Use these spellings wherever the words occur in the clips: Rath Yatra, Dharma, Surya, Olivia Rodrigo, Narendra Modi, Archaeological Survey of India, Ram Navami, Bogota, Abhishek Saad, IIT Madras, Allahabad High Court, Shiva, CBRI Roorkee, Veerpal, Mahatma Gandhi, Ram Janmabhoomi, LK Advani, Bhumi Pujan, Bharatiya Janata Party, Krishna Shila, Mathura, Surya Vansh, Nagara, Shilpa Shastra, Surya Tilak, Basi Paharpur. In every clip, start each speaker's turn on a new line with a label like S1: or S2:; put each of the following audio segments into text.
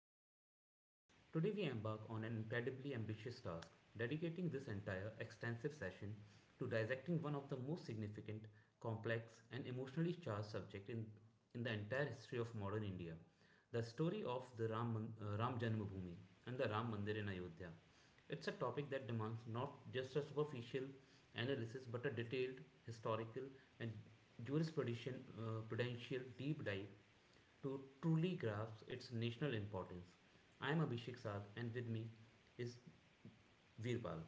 S1: Welcome to the podcast. Today we embark on an incredibly ambitious task, dedicating this entire extensive session to dissecting one of the most significant, complex, and emotionally charged subject in the entire history of modern India, the story of the Ram Janmabhoomi and the Ram Mandir in Ayodhya. It's a topic that demands not just a superficial analysis but a detailed historical and jurisprudential prudential deep dive to truly grasp its national importance. I am Abhishek Saad and with me is Veerpal.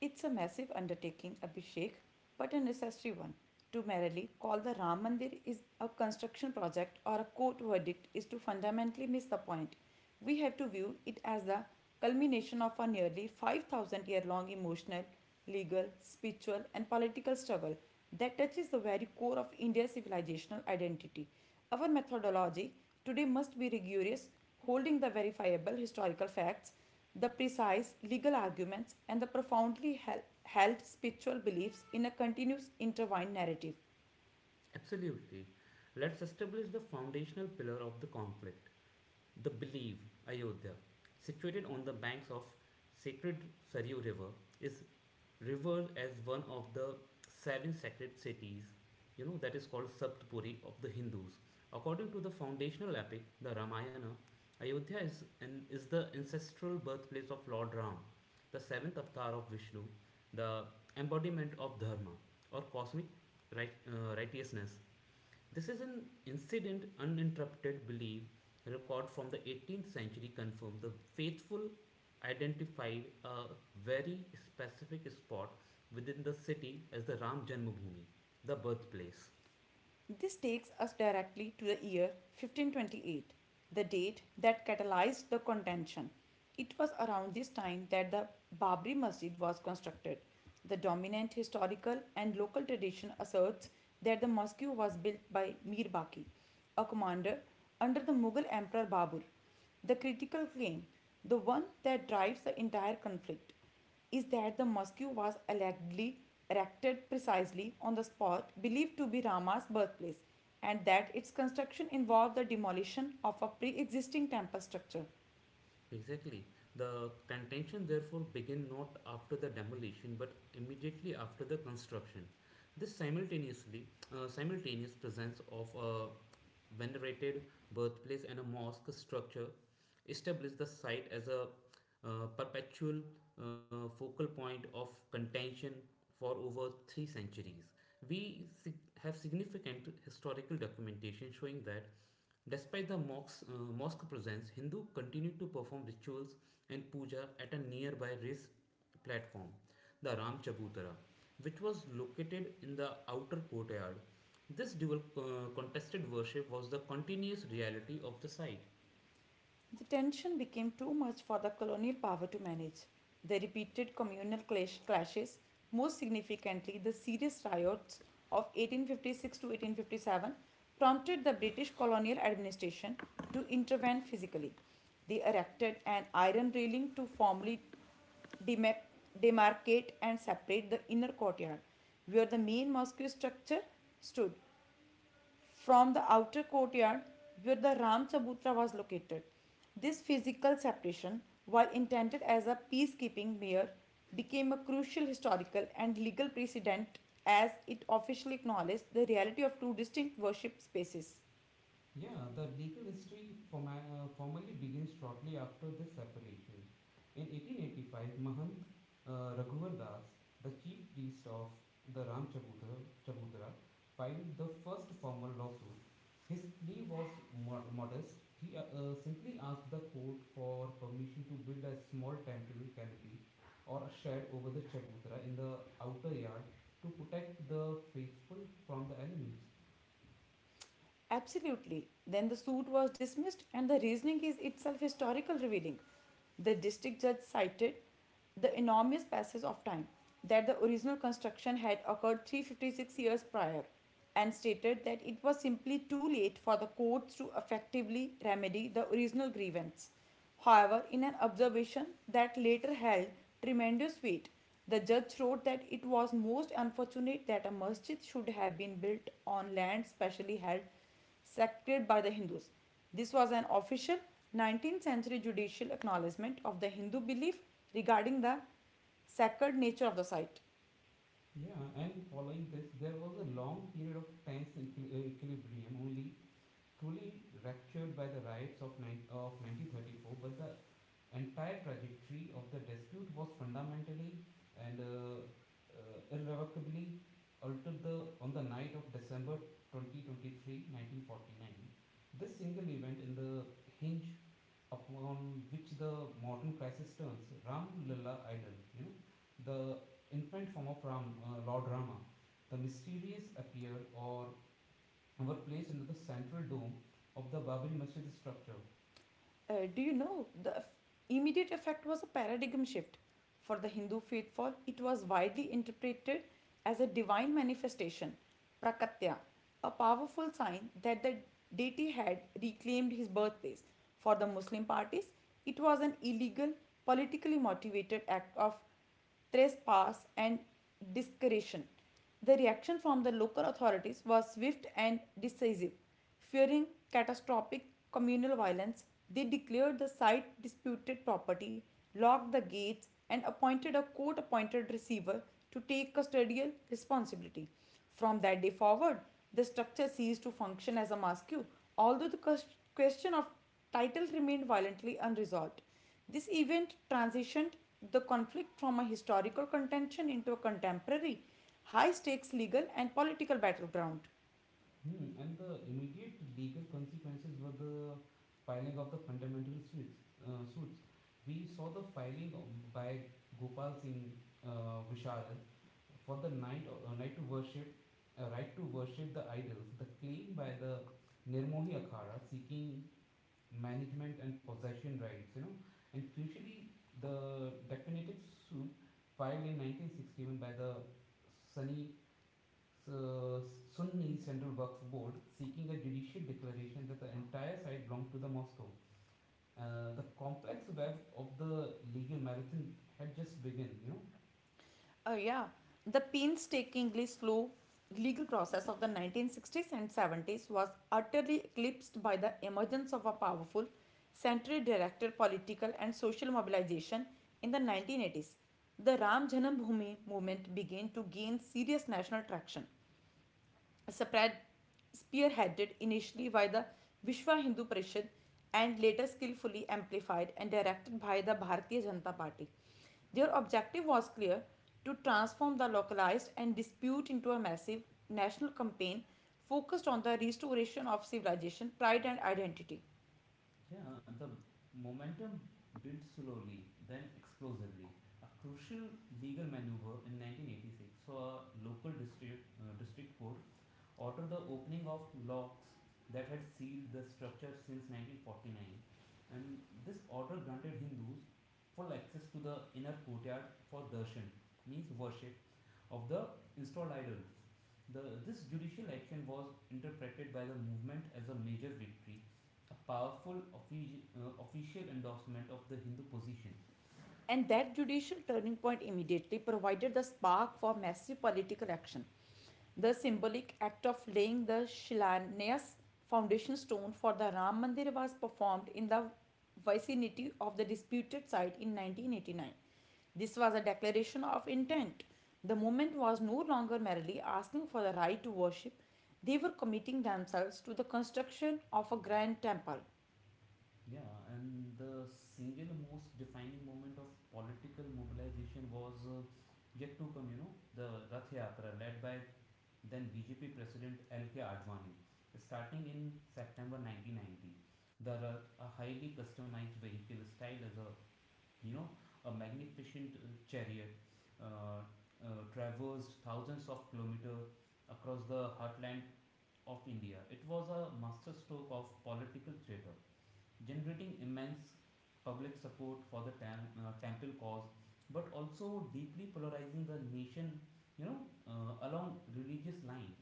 S2: It's a massive undertaking, Abhishek, but a necessary one. To merely call the Ram Mandir is a construction project or a court verdict is to fundamentally miss the point. We have to view it as the culmination of a nearly 5,000 year long emotional legal, spiritual, and political struggle that touches the very core of India's civilizational identity. Our methodology today must be rigorous, holding the verifiable historical facts, the precise legal arguments, and the profoundly held spiritual beliefs in a continuous intertwined narrative.
S1: Absolutely. Let's establish the foundational pillar of the conflict. The belief, Ayodhya, situated on the banks of sacred Saryu River, is revered as one of the seven sacred cities, that is called Saptapuri of the Hindus. According to the foundational epic, the Ramayana, Ayodhya is the ancestral birthplace of Lord Ram, the seventh avatar of Vishnu, the embodiment of Dharma or cosmic right, righteousness. This is an incident uninterrupted belief record from the 18th century confirmed the faithful identified a very specific spot within the city as the Ram Janmabhoomi, the birthplace.
S2: This takes us directly to the year 1528, the date that catalyzed the contention. It was around this time that the Babri Masjid was constructed. The dominant historical and local tradition asserts that the mosque was built by Mir Baki, a commander under the Mughal Emperor Babur. The critical claim, the one that drives the entire conflict, is that the mosque was allegedly erected precisely on the spot believed to be Rama's birthplace and that its construction involved the demolition of a pre existing temple structure.
S1: Exactly. The contention therefore began not after the demolition but immediately after the construction. This simultaneous presence of a venerated birthplace and a mosque structure established the site as a perpetual focal point of contention for over 3 centuries. We have significant historical documentation showing that despite the mosque presence, Hindu continued to perform rituals and puja at a nearby race platform, the Ram Chabutra, which was located in the outer courtyard. This dual contested worship was the continuous reality of the site.
S2: The tension became too much for the colonial power to manage. They repeated communal clashes, most significantly, the serious riots of 1856 to 1857, prompted the British colonial administration to intervene physically. They erected an iron railing to formally demar- demarcate and separate the inner courtyard where the main mosque structure stood from the outer courtyard where the Ram Chabutra was located. This physical separation, while intended as a peacekeeping measure, became a crucial historical and legal precedent as it officially acknowledged the reality of two distinct worship spaces.
S1: Yeah, the legal history formally begins shortly after this separation. In 1885, Mahant Raghuvar Das, the chief priest of the Ram Chabudra, filed the first formal lawsuit. His plea was modest. He simply asked the court for permission to build a small temple canopy or a shed over the Chabudra in the outer yard to protect the faithful from the elements.
S2: Absolutely. Then the suit was dismissed, and the reasoning is itself historical revealing. The district judge cited the enormous passage of time that the original construction had occurred 356 years prior and stated that it was simply too late for the courts to effectively remedy the original grievance. However, in an observation that later held tremendous weight, the judge wrote that it was most unfortunate that a masjid should have been built on land specially held sacred by the Hindus. This was an official 19th century judicial acknowledgement of the Hindu belief regarding the sacred nature of the site.
S1: Yeah, and following this, there was a long period of tense equilibrium only truly ruptured by the riots of 1934, but the entire trajectory of the dispute was fundamentally and irrevocably altered on the night of December 2023, 1949. This single event in the hinge upon which the modern crisis turns, Ram Lalla Idol, the infant form of Ram, Lord Rama, the mysterious appeared or were placed under the central dome of the Babri Masjid structure.
S2: Do you know the immediate effect was a paradigm shift? For the Hindu faithful, it was widely interpreted as a divine manifestation, prakatya, a powerful sign that the deity had reclaimed his birthplace. For the Muslim parties, it was an illegal, politically motivated act of trespass, and discretion. The reaction from the local authorities was swift and decisive. Fearing catastrophic communal violence, they declared the site disputed property, locked the gates, and appointed a court appointed receiver to take custodial responsibility. From that day forward, the structure ceased to function as a mosque, although the question of title remained violently unresolved. This event transitioned the conflict from a historical contention into a contemporary, high stakes legal and political battleground.
S1: And the immediate legal consequences were the filing of the fundamental suits. We saw the filing by Gopal Singh Vishal for the right to worship the idols. The claim by the Nirmohi Akhara seeking management and possession rights, and crucially, the definitive suit filed in 1961 by the Sunni, Sunni Central Waqf Board seeking a judicial declaration that the entire site belonged to the Moscow. The complex web of the legal marathon had just begun.
S2: Yeah, the painstakingly slow legal process of the 1960s and 70s was utterly eclipsed by the emergence of a powerful, century directed political and social mobilization in the 1980s. The Ram Janam Bhoomi movement began to gain serious national traction. Spread, spearheaded initially by the Vishwa Hindu Parishad and later skillfully amplified and directed by the Bharatiya Janata Party. Their objective was clear to transform the localized and dispute into a massive national campaign focused on the restoration of civilization, pride, and identity.
S1: Yeah, the momentum built slowly, then explosively. A crucial legal maneuver in 1986 saw a local district court ordered the opening of locks that had sealed the structure since 1949, and this order granted Hindus full access to the inner courtyard for darshan, means worship, of the installed idols. This judicial action was interpreted by the movement as a major victory, a powerful official endorsement of the Hindu position.
S2: And that judicial turning point immediately provided the spark for massive political action. The symbolic act of laying the Shilanayas foundation stone for the Ram Mandir was performed in the vicinity of the disputed site in 1989. This was a declaration of intent. The movement was no longer merely asking for the right to worship, they were committing themselves to the construction of a grand temple.
S1: Yeah, and the single most defining moment of political mobilization was yet to come, the Rath Yatra led by then BJP President LK Advani. Starting in September 1990, the Rath, a highly customized vehicle styled as you know, a magnificent chariot, uh, traversed thousands of kilometers across the heartland of India. It was a masterstroke of political theatre generating immense public support for the temple cause, but also deeply polarizing the nation, along religious line.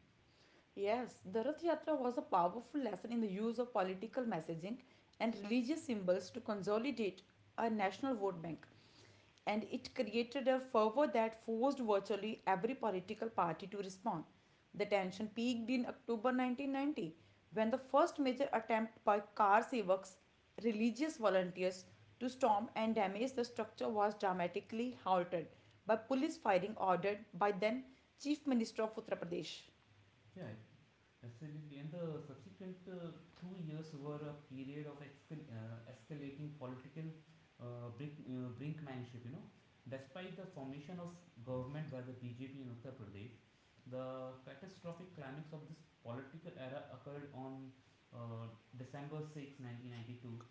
S2: Yes, the Rath Yatra was a powerful lesson in the use of political messaging and religious symbols to consolidate a national vote bank. And it created a fervor that forced virtually every political party to respond. The tension peaked in October 1990 when the first major attempt by Kar Sevaks, religious volunteers, to storm and damage the structure was dramatically halted by police firing ordered by then Chief Minister of Uttar Pradesh.
S1: Yeah, absolutely. And the subsequent 2 years were a period of escalating political brinkmanship. Despite the formation of government by the BJP in Uttar Pradesh, the catastrophic climax of this political era occurred on uh, December 6, 1992.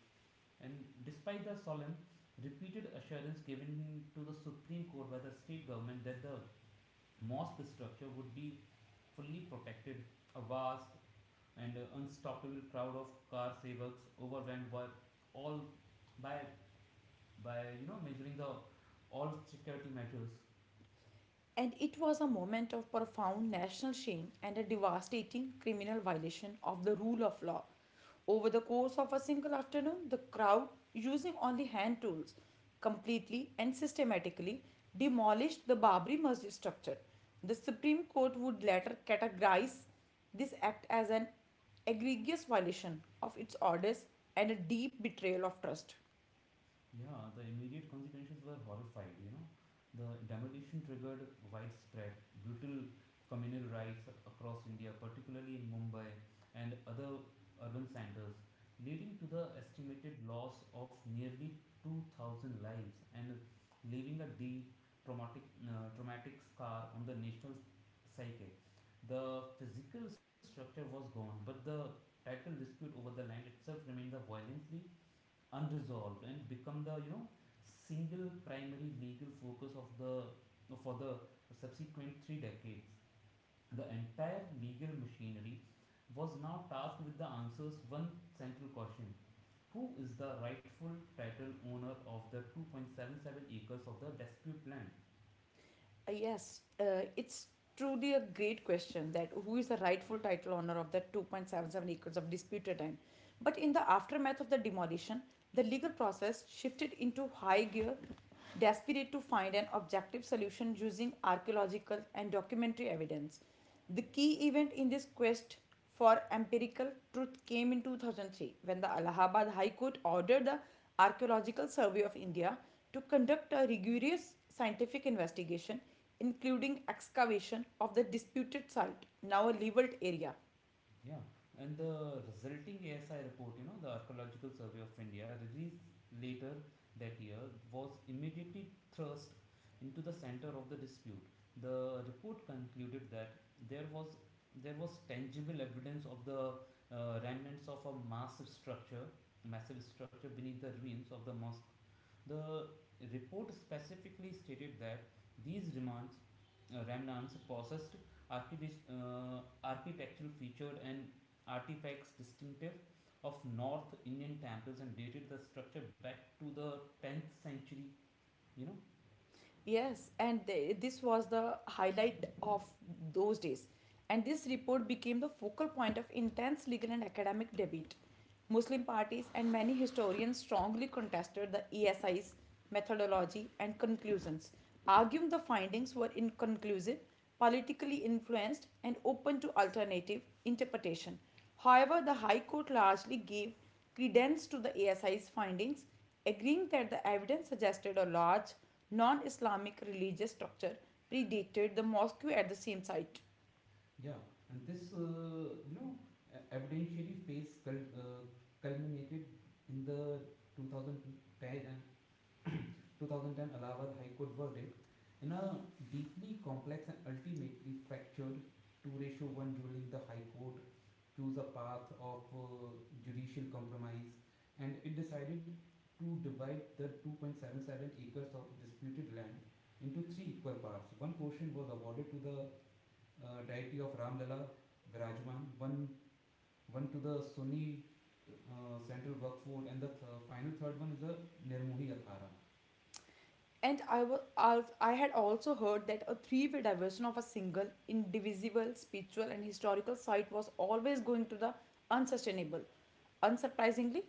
S1: And despite the solemn, repeated assurance given to the Supreme Court by the state government that the mosque structure would be fully protected, a vast and unstoppable crowd of car sevaks overwhelmed by all by by you know measuring the all security measures.
S2: And it was a moment of profound national shame and a devastating criminal violation of the rule of law. Over the course of a single afternoon, the crowd, using only hand tools, completely and systematically demolished the Babri Masjid structure. The Supreme Court would later categorize this act as an egregious violation of its orders and a deep betrayal of trust.
S1: Yeah, the immediate consequences were horrified. The demolition triggered widespread, brutal communal riots across India, particularly in Mumbai and other urban centers, leading to the estimated loss of nearly 2,000 lives and leaving a deep traumatic, traumatic scar on the national psyche. The physical structure was gone, but the title dispute over the land itself remained the violently unresolved and become the single primary legal focus of the for the subsequent 3 decades. The entire legal machinery was now tasked with the answers one central question: Who is the rightful title owner of the 2.77 acres of the dispute land?
S2: Yes, it's truly a great question that who is the rightful title owner of the 2.77 acres of disputed land. But in the aftermath of the demolition, the legal process shifted into high gear, desperate to find an objective solution using archaeological and documentary evidence. The key event in this quest for empirical truth came in 2003 when the Allahabad High Court ordered the Archaeological Survey of India to conduct a rigorous scientific investigation, including excavation of the disputed site, now a leveled area.
S1: Yeah, and the resulting ASI report, the Archaeological Survey of India, released later that year, was immediately thrust into the center of the dispute. The report concluded that there was tangible evidence of the remnants of a massive structure beneath the ruins of the mosque. The report specifically stated that these remnants possessed architectural features and artifacts distinctive of North Indian temples and dated the structure back to the 10th century. You know,
S2: Yes, and this was the highlight of those days. And this report became the focal point of intense legal and academic debate. Muslim parties and many historians strongly contested the ESI's methodology and conclusions, arguing the findings were inconclusive, politically influenced, and open to alternative interpretation. However, the High Court largely gave credence to the ASI's findings, agreeing that the evidence suggested a large non Islamic religious structure predated the mosque at the same site.
S1: Yeah, and this evidentiary phase culminated in the 2010 2010 Allahabad High Court verdict. In a deeply complex and ultimately fractured 2-1 ruling, the High Court chose a path of judicial compromise and it decided to divide the 2.77 acres of disputed land into three equal parts. One portion was awarded to the deity of Ram Ramlala Virajman, one to the Sunni Central Workford, and the final third one is the Nirmohi Akhara.
S2: And I, I had also heard that a three-way division of a single, indivisible, spiritual, and historical site was always going to the unsustainable. Unsurprisingly,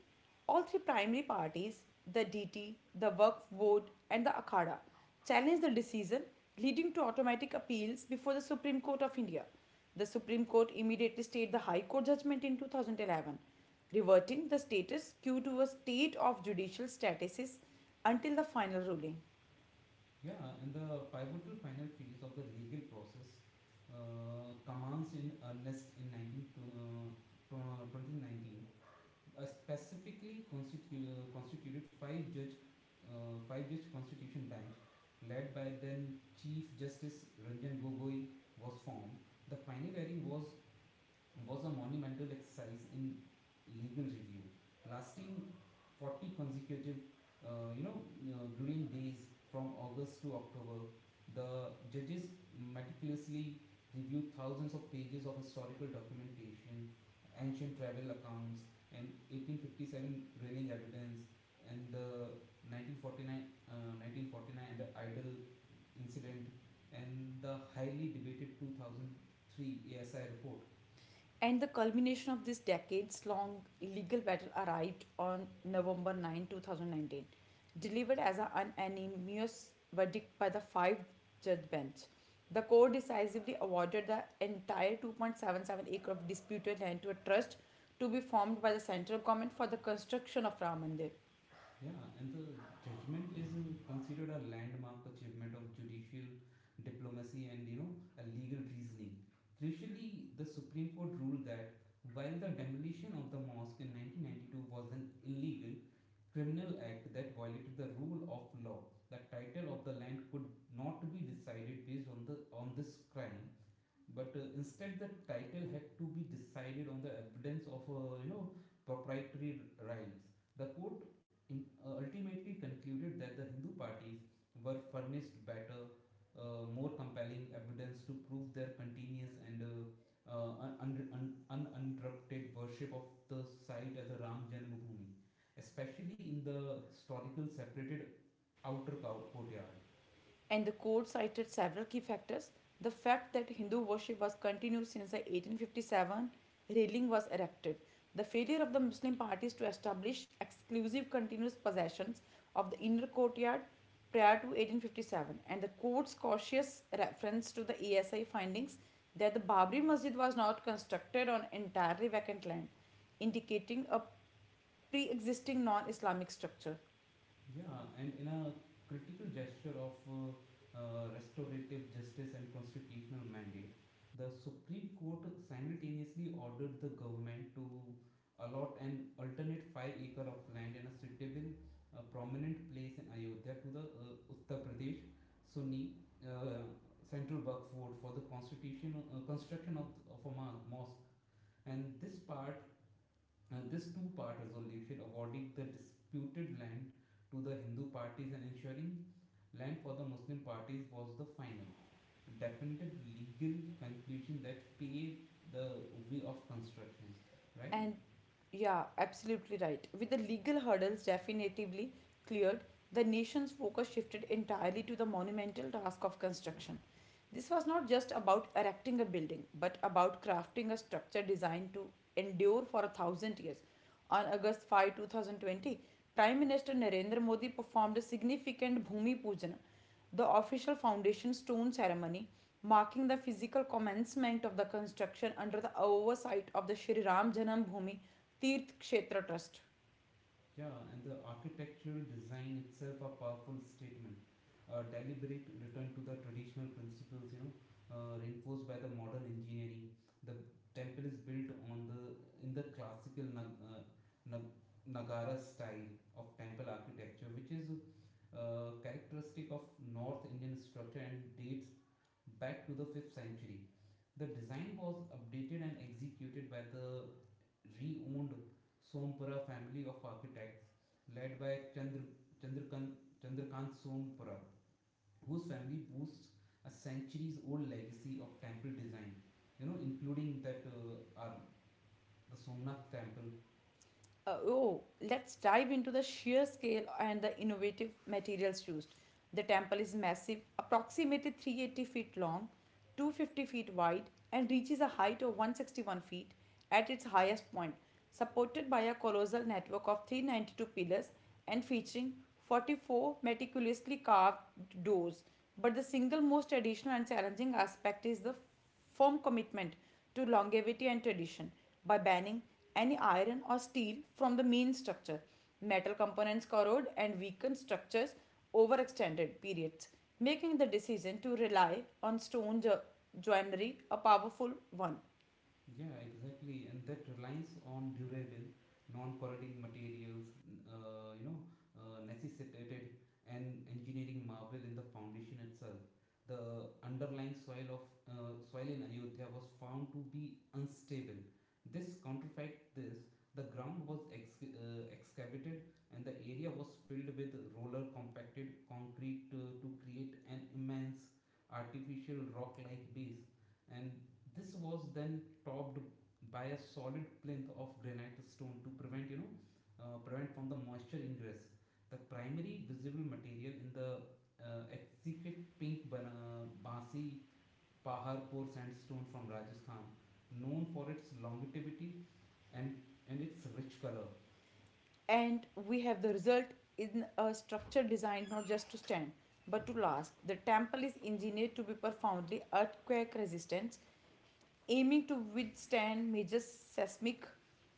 S2: all three primary parties, the DT, the Work Board, and the Akhada, challenged the decision, leading to automatic appeals before the Supreme Court of India. The Supreme Court immediately stayed the High Court judgment in 2011, reverting the status quo to a state of judicial status until the final ruling.
S1: Yeah, and the pivotal final phase of the legal process commenced in earnest in 2019. A specifically constituted five judge constitution bench led by then Chief Justice Ranjan Gogoi was formed. The final hearing was a monumental exercise in legal review, lasting 40 consecutive, uh, you know, grueling days from August to October. The judges meticulously reviewed thousands of pages of historical documentation, ancient travel accounts, and 1857 railing evidence, and the 1949 idol incident, and the highly debated 2003 ASI report.
S2: And the culmination of this decades long legal battle arrived on November 9, 2019, delivered as an unanimous verdict by the five judge bench. The court decisively awarded the entire 2.77 acre of disputed land to a trust to be formed by the central government for the construction of Ram Mandir.
S1: Yeah, and the judgment is considered a landmark achievement of judicial diplomacy and a legal reasoning. Crucially, the Supreme Court ruled that while the demolition of the mosque in 1992 was an illegal criminal act that violated the rule of law, the title of the land could not be decided based on this crime, but instead the title had to be decided on the evidence of proprietary rights. The court ultimately concluded that the Hindu parties were furnished better, more compelling evidence to prove their continuous and uninterrupted worship of the site as a Ram Janmabhoomi, especially in the historical separated outer courtyard.
S2: And the court cited several key factors. The fact that Hindu worship was continued since the 1857 railing was erected, the failure of the Muslim parties to establish exclusive continuous possessions of the inner courtyard prior to 1857, and the court's cautious reference to the ASI findings that the Babri Masjid was not constructed on entirely vacant land, indicating a pre existing non Islamic structure.
S1: Yeah, and in a critical gesture of restorative justice and constitutional mandate, the Supreme Court simultaneously ordered the government to allot an alternate 5 acre of land in a suitable, prominent place in Ayodhya to the Uttar Pradesh Sunni uh, Central Work Board for the construction of a mosque. And this part and this two-part resolution awarding the disputed land to the Hindu parties and ensuring land for the Muslim parties was the final, definitive legal conclusion that paved the way of construction, right?
S2: And yeah, absolutely right. With the legal hurdles definitively cleared, the nation's focus shifted entirely to the monumental task of construction. This was not just about erecting a building, but about crafting a structure designed to endure for a thousand years. On August 5, 2020, Prime Minister Narendra Modi performed a significant Bhumi Pujan, the official foundation stone ceremony marking the physical commencement of the construction under the oversight of the Shri Ram Janam Bhoomi Tirth Kshetra Trust.
S1: Yeah, and the architectural design itself a powerful statement. A deliberate return to the traditional principles, reinforced by the modern engineering. The temple is built on the in the classical nag, Nagara style of temple architecture, which is characteristic of North Indian structure and dates back to the fifth century. The design was updated and executed by the re-owned Sompura family of architects led by Chandrakan, Chandrakant Sompura, whose family boasts a centuries-old legacy of temple design, including the Somnath temple.
S2: Oh, let's dive into the sheer scale and the innovative materials used. The temple is massive, approximately 380 feet long, 250 feet wide, and reaches a height of 161 feet at its highest point, supported by a colossal network of 392 pillars and featuring 44 meticulously carved doors. But the single most traditional and challenging aspect is the firm commitment to longevity and tradition by banning any iron or steel from the main structure. Metal components corrode and weaken structures over extended periods, making the decision to rely on stone joinery a powerful one.
S1: Yeah, exactly. And that relies on durable, non-corroding materials, necessitated and engineering marvel in the foundation itself. The underlying soil in Ayodhya was found to be unstable. This counterfeit this the ground was excavated, and the area was filled with roller compacted concrete to create an immense artificial rock-like base, and this was then topped by a solid plinth of granite stone to prevent you know prevent from the moisture ingress. The primary visible material in the exquisite pink Basi Paharpur sandstone from Rajasthan, known for its longevity and its rich color.
S2: And we have the result in a structure designed not just to stand but to last. The temple is engineered to be profoundly earthquake resistant aiming to withstand major seismic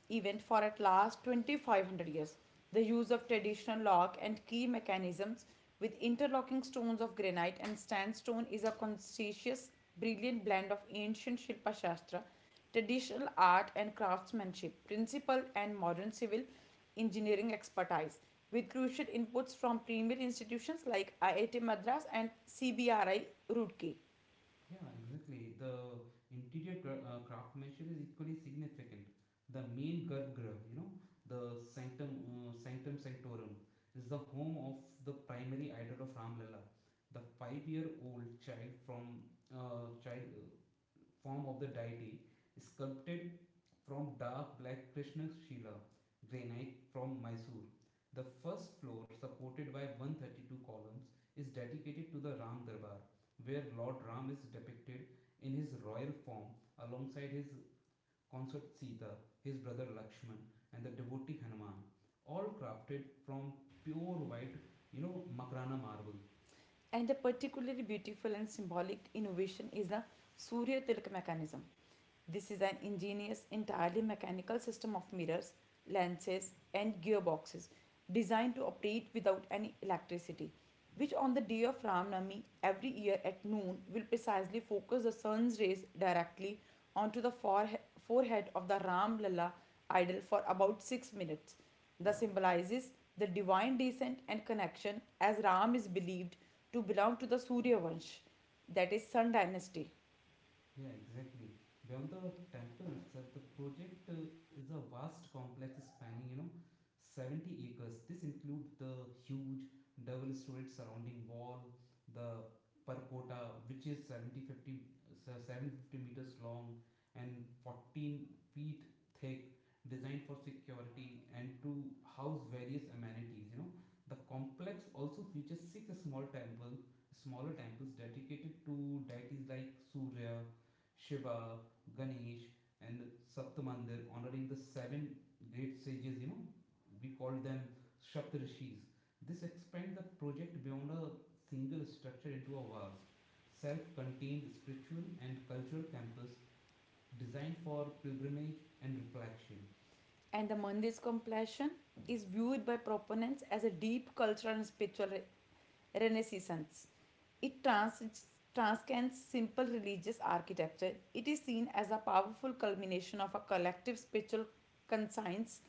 S2: event for at last 2500 years. The use of traditional lock and key mechanisms with interlocking stones of granite and sandstone is a conscientious, brilliant blend of ancient Shilpa Shastra, traditional art and craftsmanship, principle and modern civil engineering expertise, with crucial inputs from premier institutions like IIT Madras and CBRI Roorkee.
S1: Yeah, exactly. The interior craftsmanship is equally significant. The main garbhagriha, you know, the sanctum, sanctum sanctorum, is the home of the primary idol of Ram Lalla, the five-year-old child form of the deity, sculpted from dark black Krishna Shila granite from Mysore. The first floor, supported by 132 columns, is dedicated to the Ram Darbar, where Lord Ram is depicted in his royal form alongside his consort Sita, his brother Lakshman, and the devotee Hanuman, all crafted from pure white, you know, Makrana marble.
S2: And a particularly beautiful and symbolic innovation is the Surya Tilak mechanism. This is an ingenious, entirely mechanical system of mirrors, lenses, and gearboxes designed to operate without any electricity, which on the day of Ram Navami every year at noon will precisely focus the sun's rays directly onto the forehead of the Ram Lalla idol for about 6 minutes the symbolizes the divine descent and connection as Ram is believed to belong to the Surya Vansh, that is Sun dynasty.
S1: Yeah, exactly. Beyond the temple itself, the project is a vast complex spanning, you know, 70 acres. This includes the huge double-storied surrounding wall, the percotta, which is 70, 50, so 750 meters long and 14 feet thick, designed for security and to house various amenities. The complex also features smaller temples dedicated to deities like Surya, Shiva, Ganesh, and Saptamandir, honoring the seven great sages. You know, we call them Shaptarishis. This expands the project beyond a single structure into a vast, self-contained spiritual and cultural campus designed for pilgrimage and reflection.
S2: And the Mandir's completion is viewed by proponents as a deep cultural and spiritual renaissance. It transcends simple religious architecture. It is seen as a powerful culmination of a collective spiritual conscience.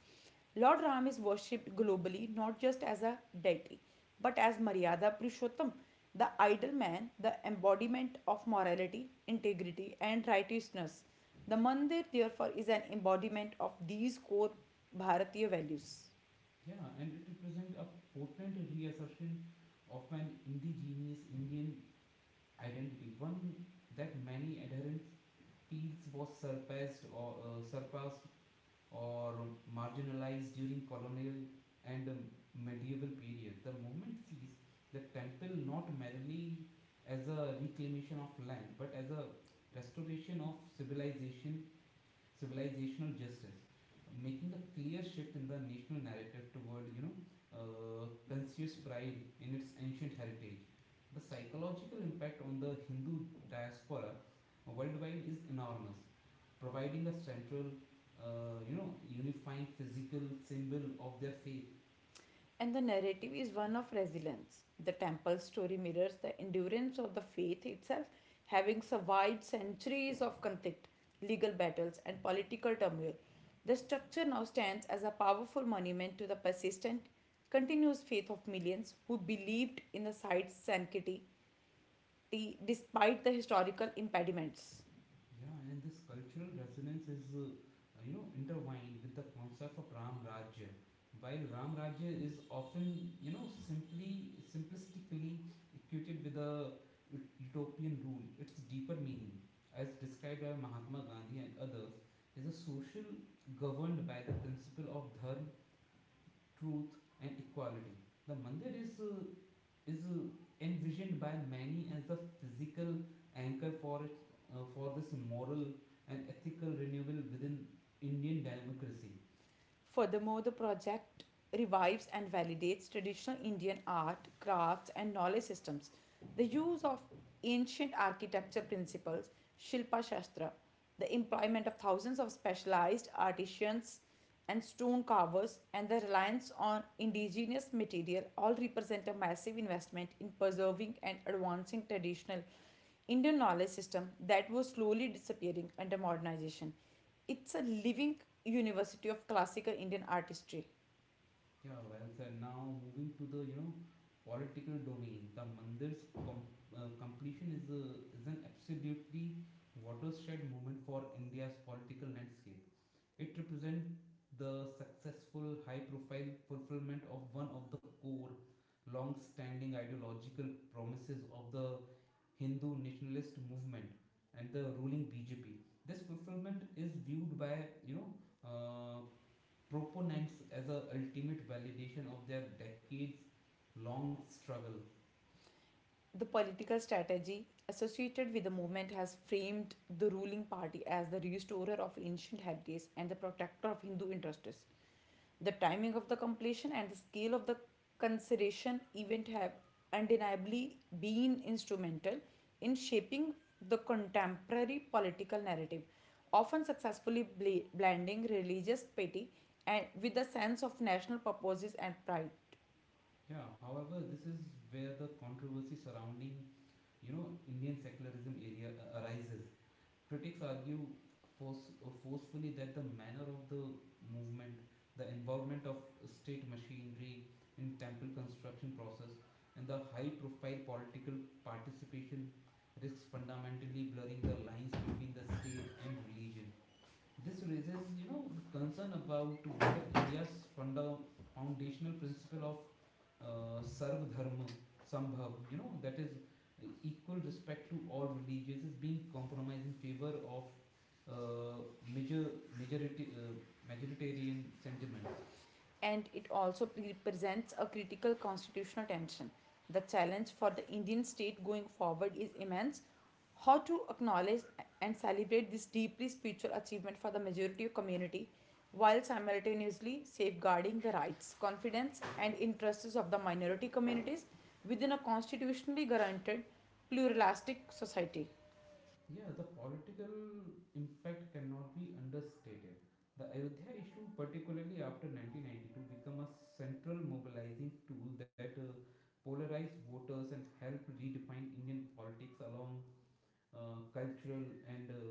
S2: Lord Ram is worshipped globally not just as a deity but as Maryada Purushottam, the ideal man, the embodiment of morality, integrity, and righteousness. The mandir, therefore, is an embodiment of these core Bharatiya values.
S1: Yeah, and it represents a potent reassertion of an indigenous Indian identity, one that many adherents feels was surpassed or marginalized during colonial and medieval period. The movement sees the temple not merely as a reclamation of land but as a restoration of civilizational justice, making a clear shift in the national narrative toward conscious pride in its ancient heritage. The psychological impact on the Hindu diaspora worldwide is enormous, providing a central, unifying physical symbol of their faith.
S2: And the narrative is one of resilience. The temple story mirrors the endurance of the faith itself, having survived centuries of conflict, legal battles, and political turmoil. The structure now stands as a powerful monument to the persistent, continuous faith of millions who believed in the site's sanctity despite the historical impediments.
S1: Yeah, and this cultural resonance is, intertwined with the concept of Ram Rajya. While Ram Rajya is often, you know, simply simplistically equated with a utopian rule, its deeper meaning, as described by Mahatma Gandhi and others, is a social governed by the principle of dharma, truth, and equality. The mandir is envisioned by many as the physical anchor for for this moral and ethical renewal within Indian democracy.
S2: Furthermore, the project revives and validates traditional Indian art, crafts, and knowledge systems. The use of ancient architecture principles, Shilpa Shastra, the employment of thousands of specialized artisans and stone carvers, and the reliance on indigenous material all represent a massive investment in preserving and advancing traditional Indian knowledge system that was slowly disappearing under modernization. It's a living university of classical Indian artistry.
S1: Yeah, well said. Now moving to the political domain, the Mandir's completion is is an absolutely watershed moment for India's political landscape. It represents the successful, high-profile fulfillment of one of the core long-standing ideological promises of the Hindu nationalist movement and the ruling BJP. This fulfillment is viewed by uh, proponents as a ultimate validation of their decades long struggle.
S2: The political strategy associated with the movement has framed the ruling party as the restorer of ancient heritage and the protector of Hindu interests. The timing of the completion and the scale of the consideration event have undeniably been instrumental in shaping the contemporary political narrative, often successfully bl blending religious piety and with a sense of national purposes and pride.
S1: Yeah, however, this is where the controversy surrounding Indian secularism area arises. Critics argue forcefully that the manner of the movement, the involvement of state machinery in temple construction process, and the high-profile political participation risks fundamentally blurring the lines between the state and religion. This raises, you know, the concern about whether India's foundational principle of Sarv Dharma Sambhav, you know, that is equal respect to all religions is being compromised in favor of majority majoritarian sentiments.
S2: And it also presents a critical constitutional tension. The challenge for the Indian state going forward is immense. How to acknowledge and celebrate this deeply spiritual achievement for the majority of community while simultaneously safeguarding the rights, confidence, and interests of the minority communities within a constitutionally guaranteed pluralistic society.
S1: Yeah, the political impact cannot be understated. The Ayodhya issue, particularly after 1992, became a central mobilizing tool that polarized voters and helped redefine Indian politics along cultural and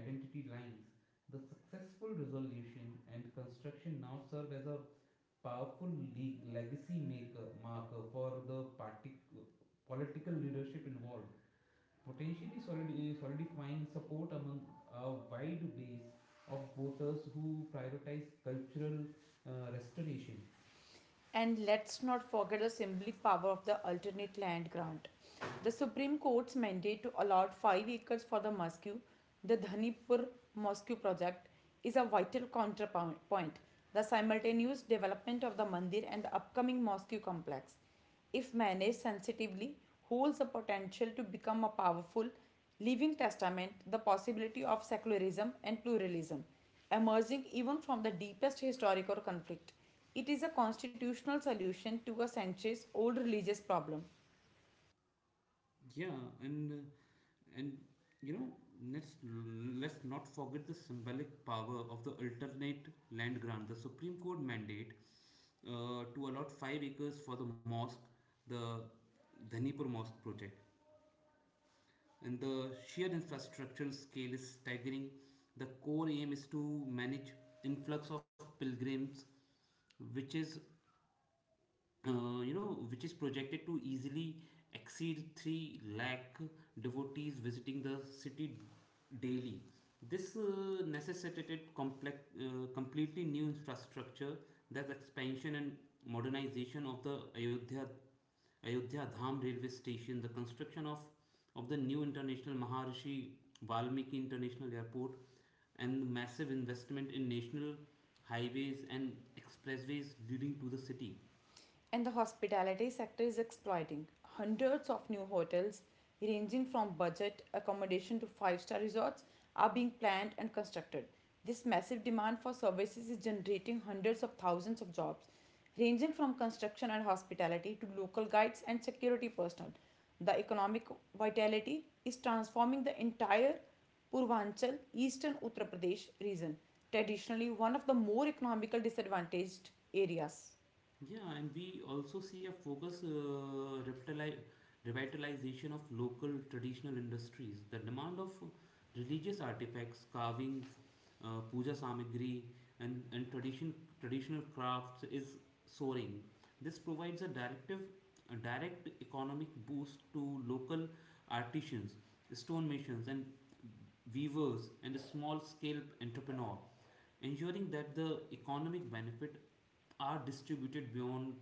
S1: identity lines. The successful resolution and construction now serve as a powerful legacy maker marker for the political leadership involved, potentially solidifying support among a wide base of voters who prioritize cultural restoration.
S2: And let's not forget the symbolic power of the alternate land grant. The Supreme Court's mandate to allot 5 acres for the mosque, the Dhanipur Mosque project, is a vital counterpoint. The simultaneous development of the mandir and the upcoming mosque complex, if managed sensitively, holds the potential to become a powerful leaving testament the possibility of secularism and pluralism, emerging even from the deepest historical conflict. It is a constitutional solution to a centuries old religious problem.
S1: Yeah, and and you know, let's let's not forget the symbolic power of the alternate land grant. The Supreme Court mandate to allot 5 acres for the mosque, the Dhanipur Mosque project, and the sheer infrastructural scale is staggering. The core aim is to manage influx of pilgrims, which is you know, which is projected to easily exceed 3 lakh devotees visiting the city daily. This necessitated completely new infrastructure that expanded modernization of the Ayodhya Dham railway system, the construction of, of the Valmiki International Airport, and massive investment in national highways and expressways leading to the.
S2: And the hospitality sector is exploiting hundreds of new hotels, ranging from budget accommodation to five star resorts, are being planned and constructed. This massive demand for services is generating hundreds of thousands of jobs, ranging from construction and hospitality to local guides and security personnel. The economic vitality is transforming the entire Purvanchal, eastern Uttar Pradesh region, traditionally one of the more economically disadvantaged areas.
S1: Yeah, and we also see a focus revitalization of local traditional industries. The demand of religious artifacts, carvings, puja samagri, and traditional crafts is soaring. This provides a direct economic boost to local artisans, stonemasons, and weavers, and small-scale entrepreneur ensuring that the economic benefit are distributed beyond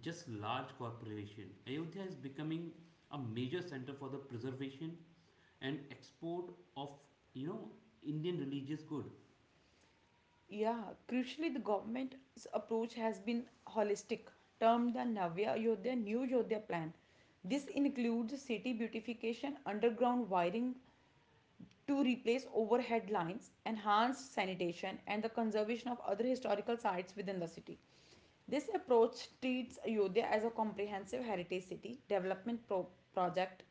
S1: just large corporation. Ayodhya is becoming a major center for the preservation and export of you know Indian religious good.
S2: Yeah, crucially, the government's approach has been holistic, termed the Navya Yodhya New Yodhya Plan. This includes city beautification, underground wiring to replace overhead lines, enhanced sanitation, and the conservation of other historical sites within the city. This approach treats Ayodhya as a comprehensive heritage city development project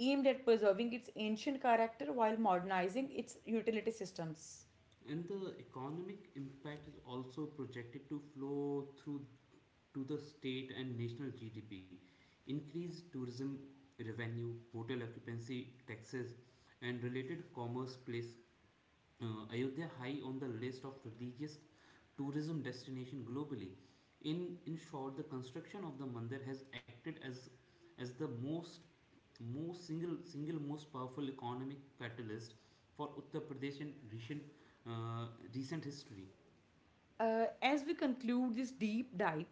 S2: aimed at preserving its ancient character while modernizing its utility systems.
S1: And the economic impact is also projected to flow through to the state and national GDP, increased tourism revenue, hotel occupancy taxes, and related commerce place Ayodhya high on the list of religious tourism destination globally. In short, the construction of the mandir has acted as the most most single single most powerful economic catalyst for Uttar Pradesh in uh, recent history.
S2: As we conclude this deep dive,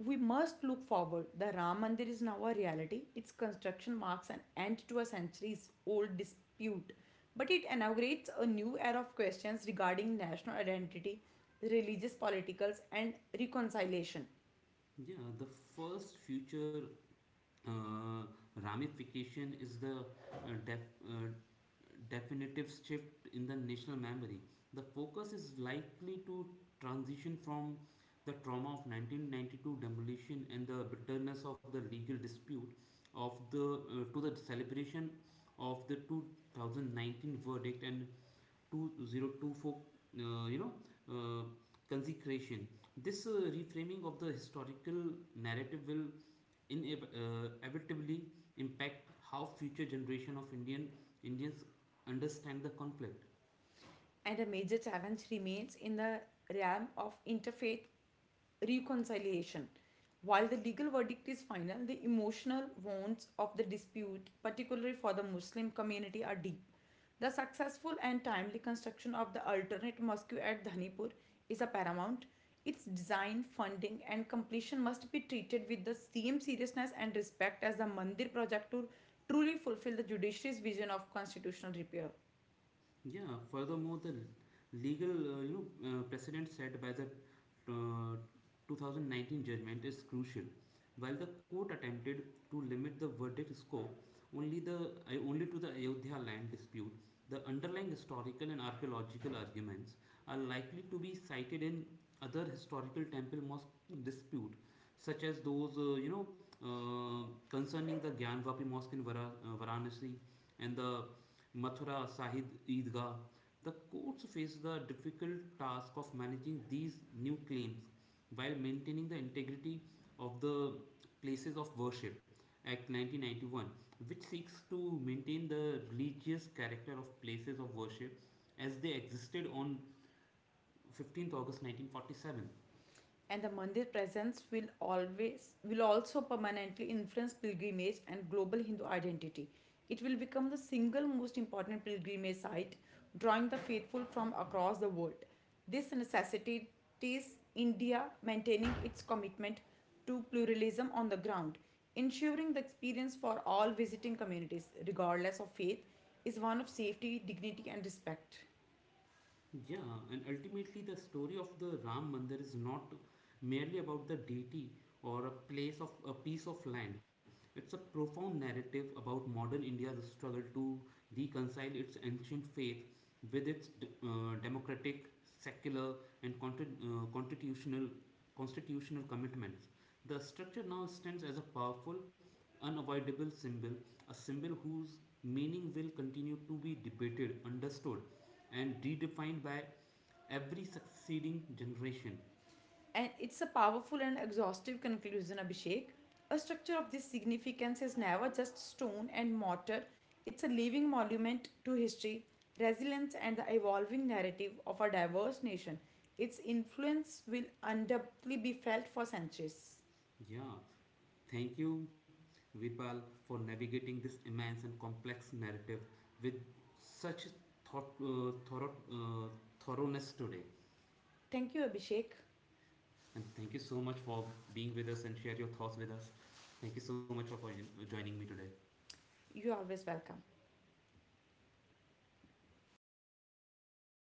S2: we must look forward. The Ram Mandir is now a reality. Its construction marks an end to a centuries old dispute, but it inaugurates a new era of questions regarding national identity, religious politicals, and reconciliation.
S1: Yeah, the first future uh, ramification is the uh, def- uh, definitive shift in the national memory. The focus is likely to transition from the trauma of 1992 demolition and the bitterness of the legal dispute of the to the celebration of the 2019 verdict and 2024 uh, you know uh, consecration. This reframing of the historical narrative will inevitably impact how future generation of indians understand the conflict.
S2: And a major challenge remains in the realm of interfaith reconciliation. While the legal verdict is final, the emotional wounds of the dispute, particularly for the Muslim community, are deep. The successful and timely construction of the alternate mosque at Dhanipur is a paramount. Its design, funding, and completion must be treated with the same seriousness and respect as the Mandir project to truly fulfill the judiciary's vision of constitutional repair.
S1: Yeah, furthermore, the legal, precedent set by the uh, 2019 judgment is crucial. While the court attempted to limit the verdict scope only to the Ayodhya land dispute, the underlying historical and archaeological arguments are likely to be cited in other historical temple mosque dispute, such as those concerning the Gyanvapi Mosque in Varanasi and the Mathura, Sahid, Eidgah. The courts face the difficult task of managing these new claims while maintaining the integrity of the places of worship. Act 1991, which seeks to maintain the religious character of places of worship as they existed on 15th August 1947.
S2: And the mandir presence will always will also permanently influence pilgrimage and global Hindu identity. It will become the single most important pilgrimage site, drawing the faithful from across the world. This necessitates India maintaining its commitment to pluralism on the ground. Ensuring the experience for all visiting communities, regardless of faith, is one of safety, dignity, and respect.
S1: Yeah, and ultimately, the story of the Ram Mandir is not merely about the deity or a place of a piece of land. It's a profound narrative about modern India's struggle to reconcile its ancient faith with its democratic, secular, and constitutional commitments. The structure now stands as a powerful, unavoidable symbol, a symbol whose meaning will continue to be debated, understood, and redefined by every succeeding generation.
S2: And it's a powerful and exhaustive conclusion, Abhishek. A structure of this significance is never just stone and mortar, it's a living monument to history, resilience, and the evolving narrative of a diverse nation. Its influence will undoubtedly be felt for centuries.
S1: Yeah, thank you, Virpal, for navigating this immense and complex narrative with such thorough, thoroughness today.
S2: Thank you, Abhishek.
S1: And thank you so much for being with us and share your thoughts with us. Thank you so much for joining me today.
S2: You're always welcome.